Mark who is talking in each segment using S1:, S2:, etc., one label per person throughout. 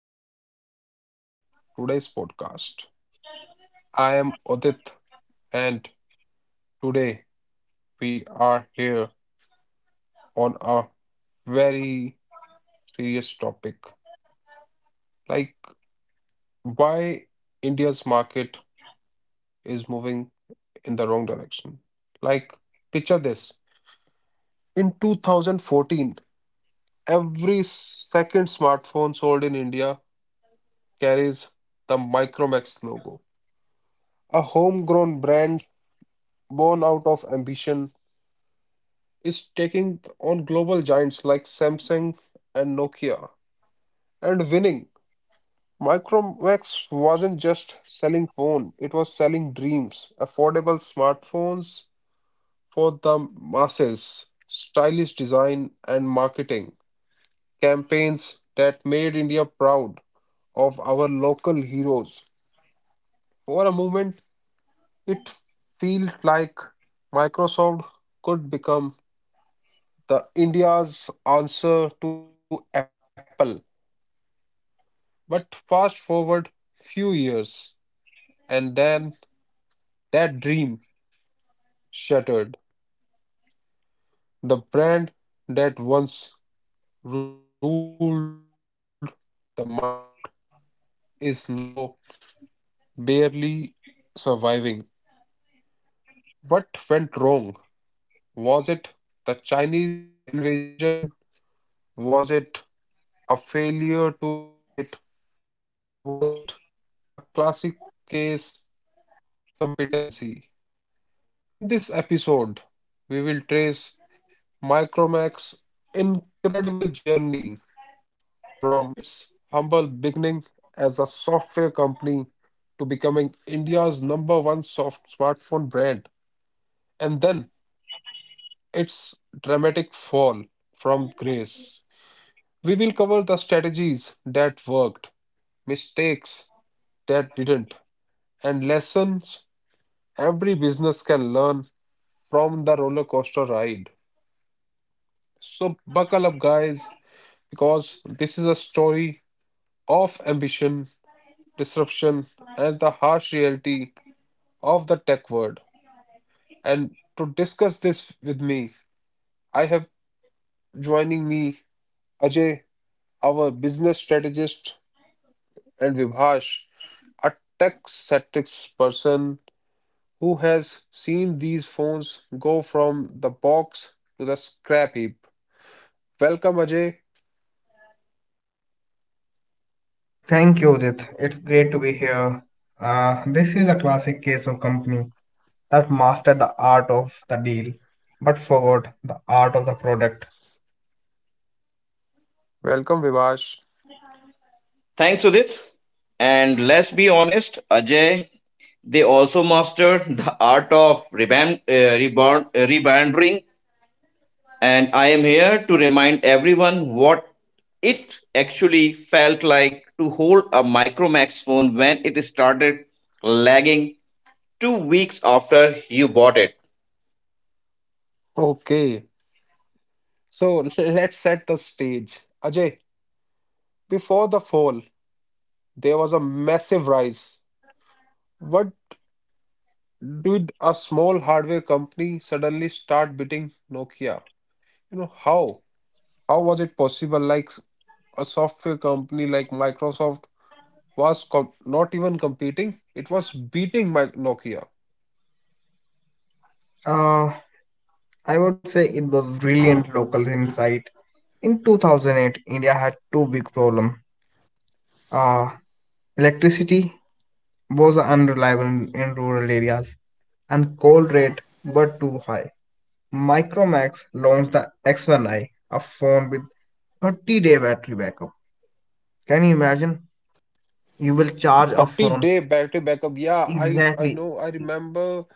S1: and welcome to today's podcast. I am Odit, and today we are here on a very serious topic like why India's market is moving in the wrong direction. Like, picture this in 2014, every second smartphone sold in India carries the Micromax logo, a homegrown brand born out of ambition is taking on global giants like Samsung and Nokia and winning. Micromax wasn't just selling phone, it was selling dreams, affordable smartphones for the masses, stylish design and marketing, campaigns that made India proud of our local heroes. For a moment, it feels like Microsoft could become the India's answer to Apple. But fast forward few years, and then that dream shattered. The brand that once ruled the market is now barely surviving. What went wrong? Was it the Chinese invasion? Was it a failure to innovate? Or was it a classic case of competency? In this episode, we will trace Micromac's incredible journey from its humble beginning as a software company to becoming India's number one soft smartphone brand, and then its dramatic fall from grace. We will cover the strategies that worked, mistakes that didn't, and lessons every business can learn from the roller coaster ride. So, buckle up, guys, because this is a story of ambition, disruption, and the harsh reality of the tech world. And to discuss this with me, I have joining me Ajay, our business strategist, and Vibhash, a tech-centric person who has seen these phones go from the box to the scrap heap. Welcome, Ajay.
S2: Thank you, Udit. It's great to be here. This is a classic case of company that mastered the art of the deal but forgot the art of the product.
S1: Welcome, Vibhash.
S3: Thanks, Sudhir. And let's be honest, Ajay, they also mastered the art of rebandering. And I am here to remind everyone what it actually felt like to hold a Micromax phone when it started lagging 2 weeks after you bought it.
S1: Okay, so let's set the stage. Ajay, before the fall, there was a massive rise. What did a small hardware company suddenly start beating Nokia? You know, how? How was it possible? Like a software company like Microsoft was com not even competing, it was beating my Nokia.
S2: Uh, I would say it was brilliant local insight. In 2008, India had two big problems. Uh, Electricity was unreliable in rural areas, and coal rate were too high. Micromax launched the X1i, a phone with 30-day battery backup. Can you imagine? You will charge a
S1: 30
S2: phone.
S1: day battery backup. Yeah, I
S2: Exactly.
S1: know. I
S2: e-
S1: remember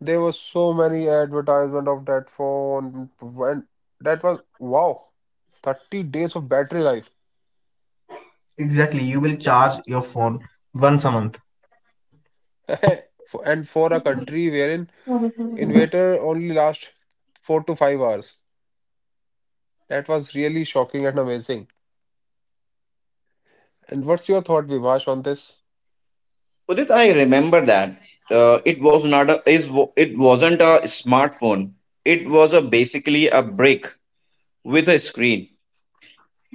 S1: there was so many advertisement of that phone when that was wow, 30 days of battery life.
S2: Exactly. You will charge your phone once a month.
S1: And for a country wherein Invader only last 4 to 5 hours. That was really shocking and amazing. And what's your thought, Vivash, on this?
S3: Udit, I remember that uh, it was not a is it wasn't a smartphone. It was a basically a brick with a screen.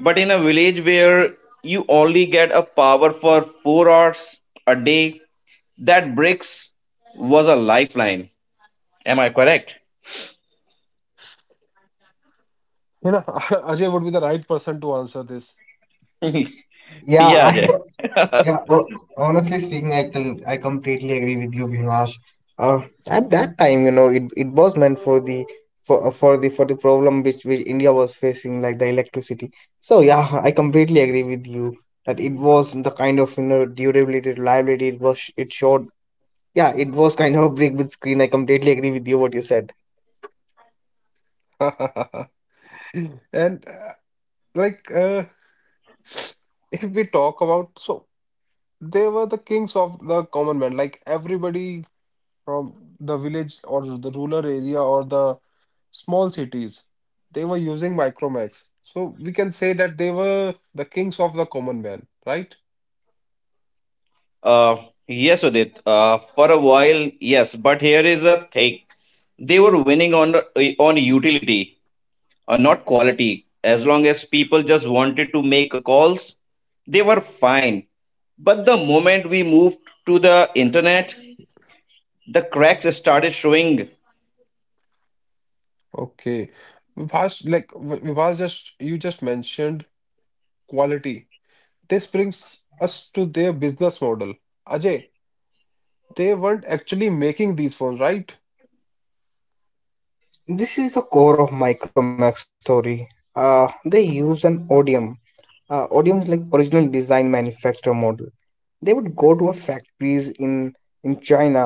S3: But in a village where you only get a power for 4 hours a day, that bricks was a lifeline. Am I correct?
S1: You know, Ajay would be the right person to answer this.
S2: Yeah,
S3: Yeah,
S2: I
S3: Jay.
S2: yeah. ho- Honestly speaking, I completely agree with you, Bhimash. Uh, at that time, you know, it was meant for the problem which India was facing, like the electricity. So yeah, I completely agree with you that it was the kind of, you know, durability, reliability. It showed. Yeah, it was kind of a break with screen. I completely agree with you what you said.
S1: And like, if we talk about, so they were the kings of the common man. Like everybody from the village or the rural area or the small cities, they were using Micromax. So we can say that they were the kings of the common man, right?
S3: uh, yes, Udit. For a while, yes. But here is a thing. They were winning on utility. Not quality. As long as people just wanted to make calls, they were fine. But the moment we moved to the internet, the cracks started showing.
S1: Okay. Vibhas, like Vibhas just you just mentioned quality. This brings us to their business model. Ajay, they weren't actually making these phones, right?
S2: This is the core of Micromax
S1: Like
S2: story.
S1: because I
S2: They
S1: have
S2: used an
S1: read
S2: Odium.
S1: somewhere like
S2: Odium is like original design
S1: Micromax
S2: manufacturer model.
S1: was not
S2: They would
S1: making
S2: go to a
S1: phones.
S2: factories in China,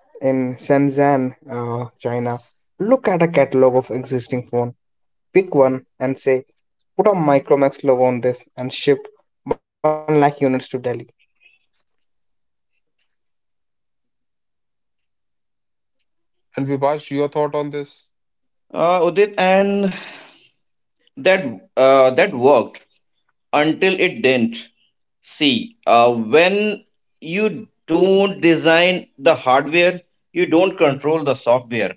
S2: in Shenzhen, China. Look at a catalog of existing phone, pick one and say, put a Micromax logo on this and ship one lakh units to Delhi.
S1: And Vibhas, your thought on this?
S3: Udit, and that that worked until it didn't. See, when you don't design the hardware, you don't control the software.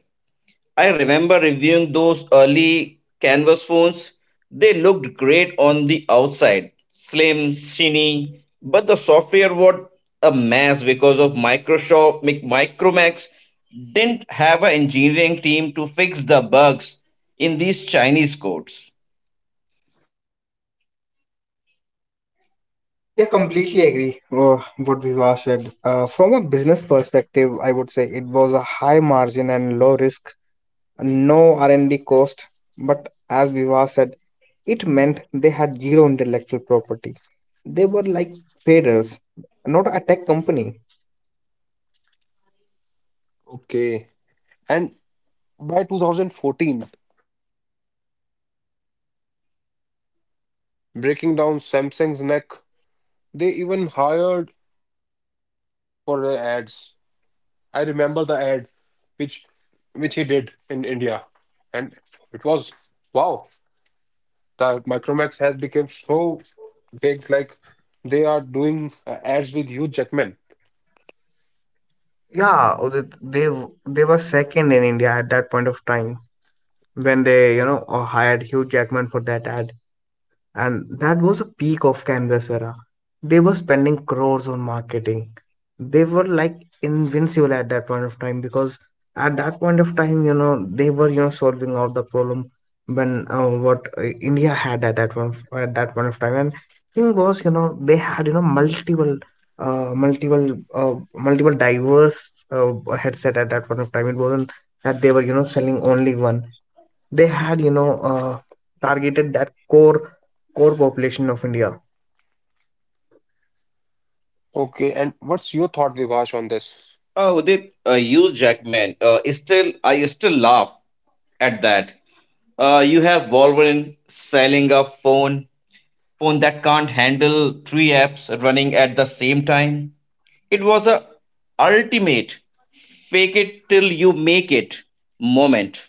S3: I remember reviewing those early canvas phones. They looked great on the outside, slim, skinny, but the software was a mess because of Micromax didn't have an engineering team to fix the bugs in these Chinese codes.
S2: Yeah, completely agree. What Viva said. From a business perspective, I would say it was a high margin and low risk, no R and D cost. But as Viva said, it meant they had zero intellectual property. They were like traders, not a tech company.
S4: Okay. And by 2014, they were number two in India, breaking down Samsung's neck. They even hired Hugh Jackman for the ads. I remember the ad which which he did in India. And it was wow. The Micromax has become so big, like they are doing ads with Hugh Jackman.
S2: Yeah, they were second in India at that point of time when they, you know, hired Hugh Jackman for that ad, and that was a peak of canvas era. They were spending crores on marketing. They were like invincible at that point of time, because at that point of time, you know, they were, you know, solving out the problem when what india had at that one at that point of time. And thing was, you know, they had, you know, multiple multiple diverse headset at that point of time. It wasn't that they were, you know, selling only one. They had, you know, targeted that core population of india.
S4: Okay, and what's your thought, Vivash, on this?
S3: Oh, they use Jackman. I still laugh at that. You have Wolverine selling a phone that can't handle three apps running at the same time. It was a ultimate fake it till you make it moment.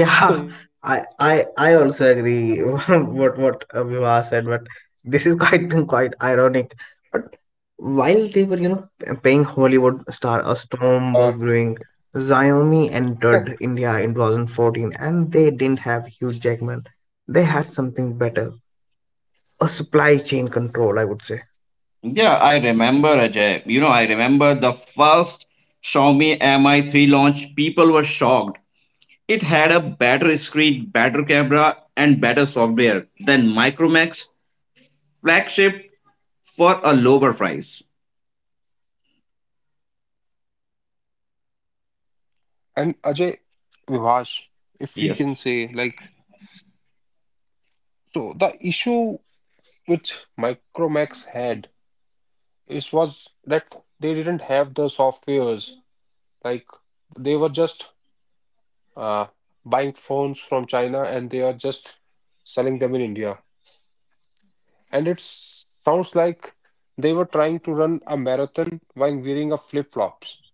S2: Yeah, I I I
S4: And
S2: also
S4: yeah,
S2: agree
S4: it was
S2: what
S4: really awesome.
S2: Viva
S4: Like
S2: said, but
S4: it,
S2: this is
S4: it was
S2: quite
S4: not
S2: quite
S4: funny, but
S2: ironic.
S4: it was
S2: But
S4: awesome. Like
S2: while they were, you know,
S4: an Indian
S2: paying Hollywood
S4: company,
S2: star, a storm was
S4: uh,
S2: brewing. Xiaomi entered India in 2014, and they didn't have Hugh Jackman. They had something better, a supply chain control, I would say.
S3: Yeah, I remember Ajay. You know, I remember the first Xiaomi Mi3 launch. People were shocked. It had a better screen, better camera, and better software than Micromax flagship for a lower price.
S4: and Ajay Vivash, if we
S3: Yes.
S4: can say, like, so the issue which Micromax had is was that they didn't have the softwares. Like they were just uh buying phones from China and they are just selling them in India. And it sounds like they were trying to run a marathon while wearing a flip-flops.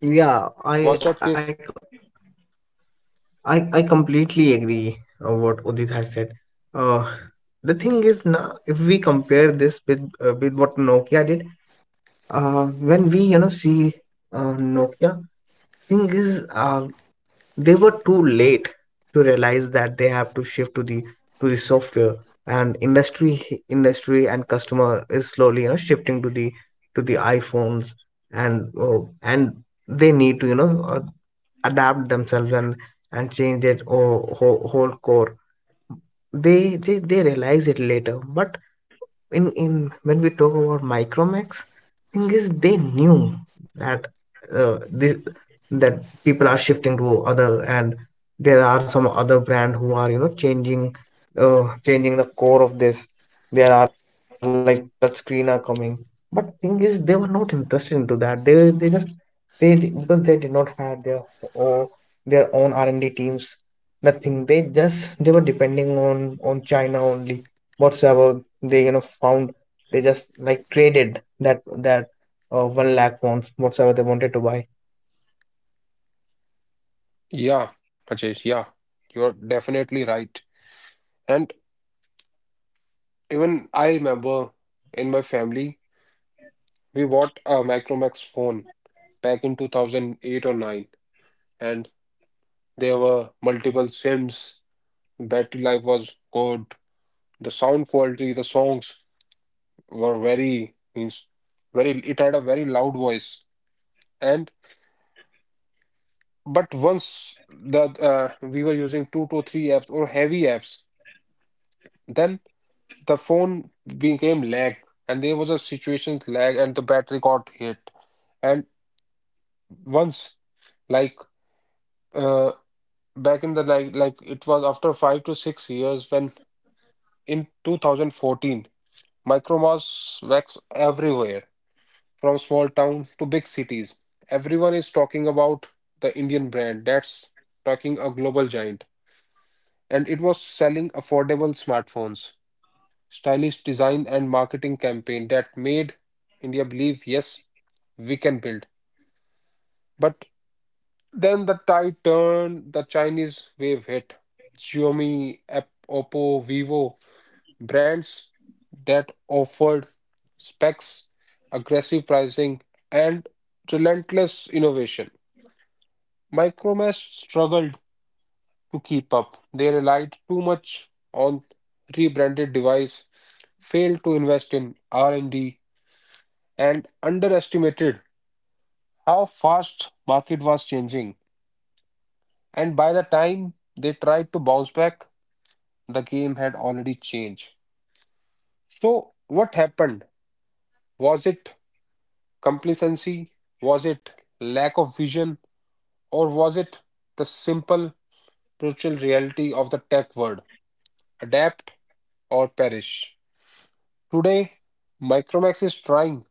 S2: Yeah, I I
S4: Was that case?
S2: I, I completely agree what Udit has said. Uh, the thing is, now if we compare this with what Nokia did, uh, when we, you know, see Nokia, thing is, they were too late to realize that they have to shift to the software, and industry and customer is slowly, you know, shifting to the iPhones, and and they need to, you know, adapt themselves and change their whole core. They realize it later, but in when we talk about Micromax, thing is they knew that this that people are shifting to other, and there are some other brand who are, you know, changing changing the core of this. There are like touch screen are coming, but thing is they were not interested into that. They because they did not have their or their own R and D teams. Nothing. They were depending on China only, whatsoever they, you know, found. They just like traded that one lakh wants whatsoever they wanted to buy.
S4: Yeah, Ajay, yeah, you're definitely right. And even I remember in my family, we bought a Micromax phone back in 2008 or 9, and there were multiple SIMs. Battery life was good. The sound quality, the songs were very means very. It had a very loud voice, and but once that we were using 2 to 3 apps or heavy apps, then the phone became lag, and there was a situation lag, and the battery got hit. And once, like, uh, back in the like it was after 5 to 6 years when in 2014, Micromas wax everywhere from small town to big cities. Everyone is talking about the Indian brand that's talking a global giant. And it was selling affordable smartphones, stylish design and marketing campaign that made India believe, yes, we can build. But then the tide turned, the Chinese wave hit. Xiaomi, Oppo, Vivo, brands that offered specs, aggressive pricing, and relentless innovation. Micromax struggled to keep up. They relied too much on rebranded device, failed to invest in R&D and D, and underestimated how fast market was changing. And by the time they tried to bounce back, the game had already changed. So what happened? Was it complacency? Was it lack of vision? Or was it the simple spiritual reality of the tech world? Adapt or perish. Today, Micromax is trying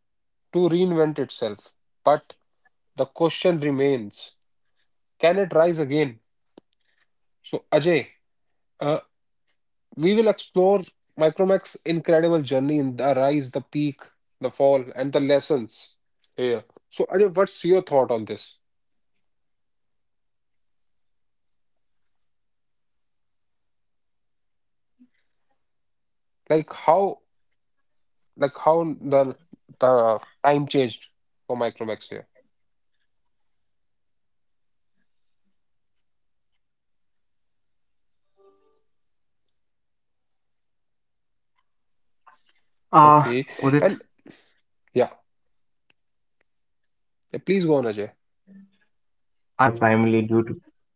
S4: to reinvent itself, but the question remains, can it rise again? So, Ajay, uh, we will explore Micromech's incredible journey in the rise, the peak, the fall, and the lessons here. So, Ajay, what's your thought on this? Like how, like how the time changed for Micromex here?
S2: Uh
S4: Okay,
S2: Udit,
S4: and yeah,
S2: I would say like my
S4: yeah,
S2: like
S4: please go on, Ajay.
S2: micro like Micromax failed in India primarily due to.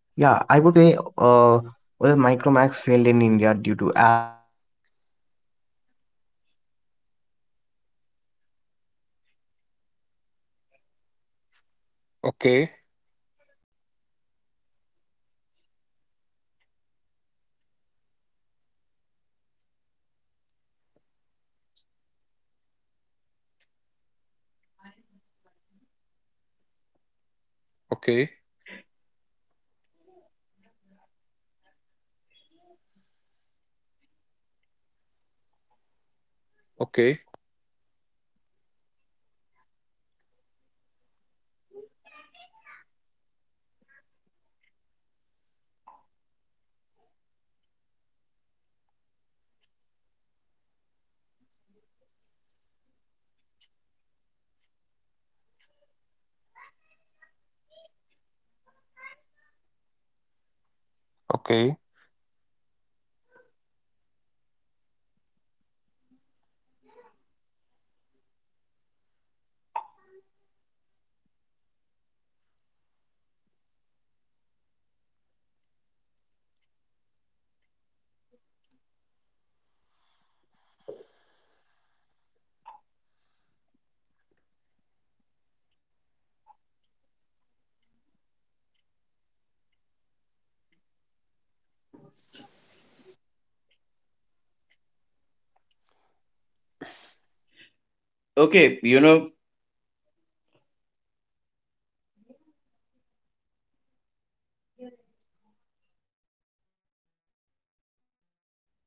S2: Yeah, I would say Micromax failed in India due to, as you said, the multiple factors were there. But I would say, like, in India, it failed primarily due to its inability
S4: Okay,
S2: due to adapt to the rapid shift towards 4G. Because at that point of time, 4G was there. Intense competition from aggressive Chinese brands with better specs and weaker software innovation, and
S4: okay,
S2: poor after sales service combined with strategic missteps like overreliance on rebranding and inefficient
S4: okay,
S2: marketing. They missed the 4G wave. They got caught in demonetizations, cash waste sale impact, and failed to innovate beyond budget phone, allowing faster, tech savvy rival to dominate. There were key reasons for their decline, like missed the 4G transition, while Reliance Jio introduced affordable
S4: okay.
S2: 4G. Micromax was stuck with 3G devices, losing relevance as demand shifted. Intense Chinese competition, brands like Xiaomi, Oppo, Vivo offered superior specification, better online presence, aggressive pricing, overwhelming Micromax, lack of innovation and R&D as you said. Micromax relied on rebranding Chinese OEM device like Coolpad and lacked significant in-house research, failing to build unique software or
S3: Okay,
S2: hardware,
S3: you know,
S2: a poor after-sale service, inconsistent uh, customer support and service network led to widespread customer dissatisfaction.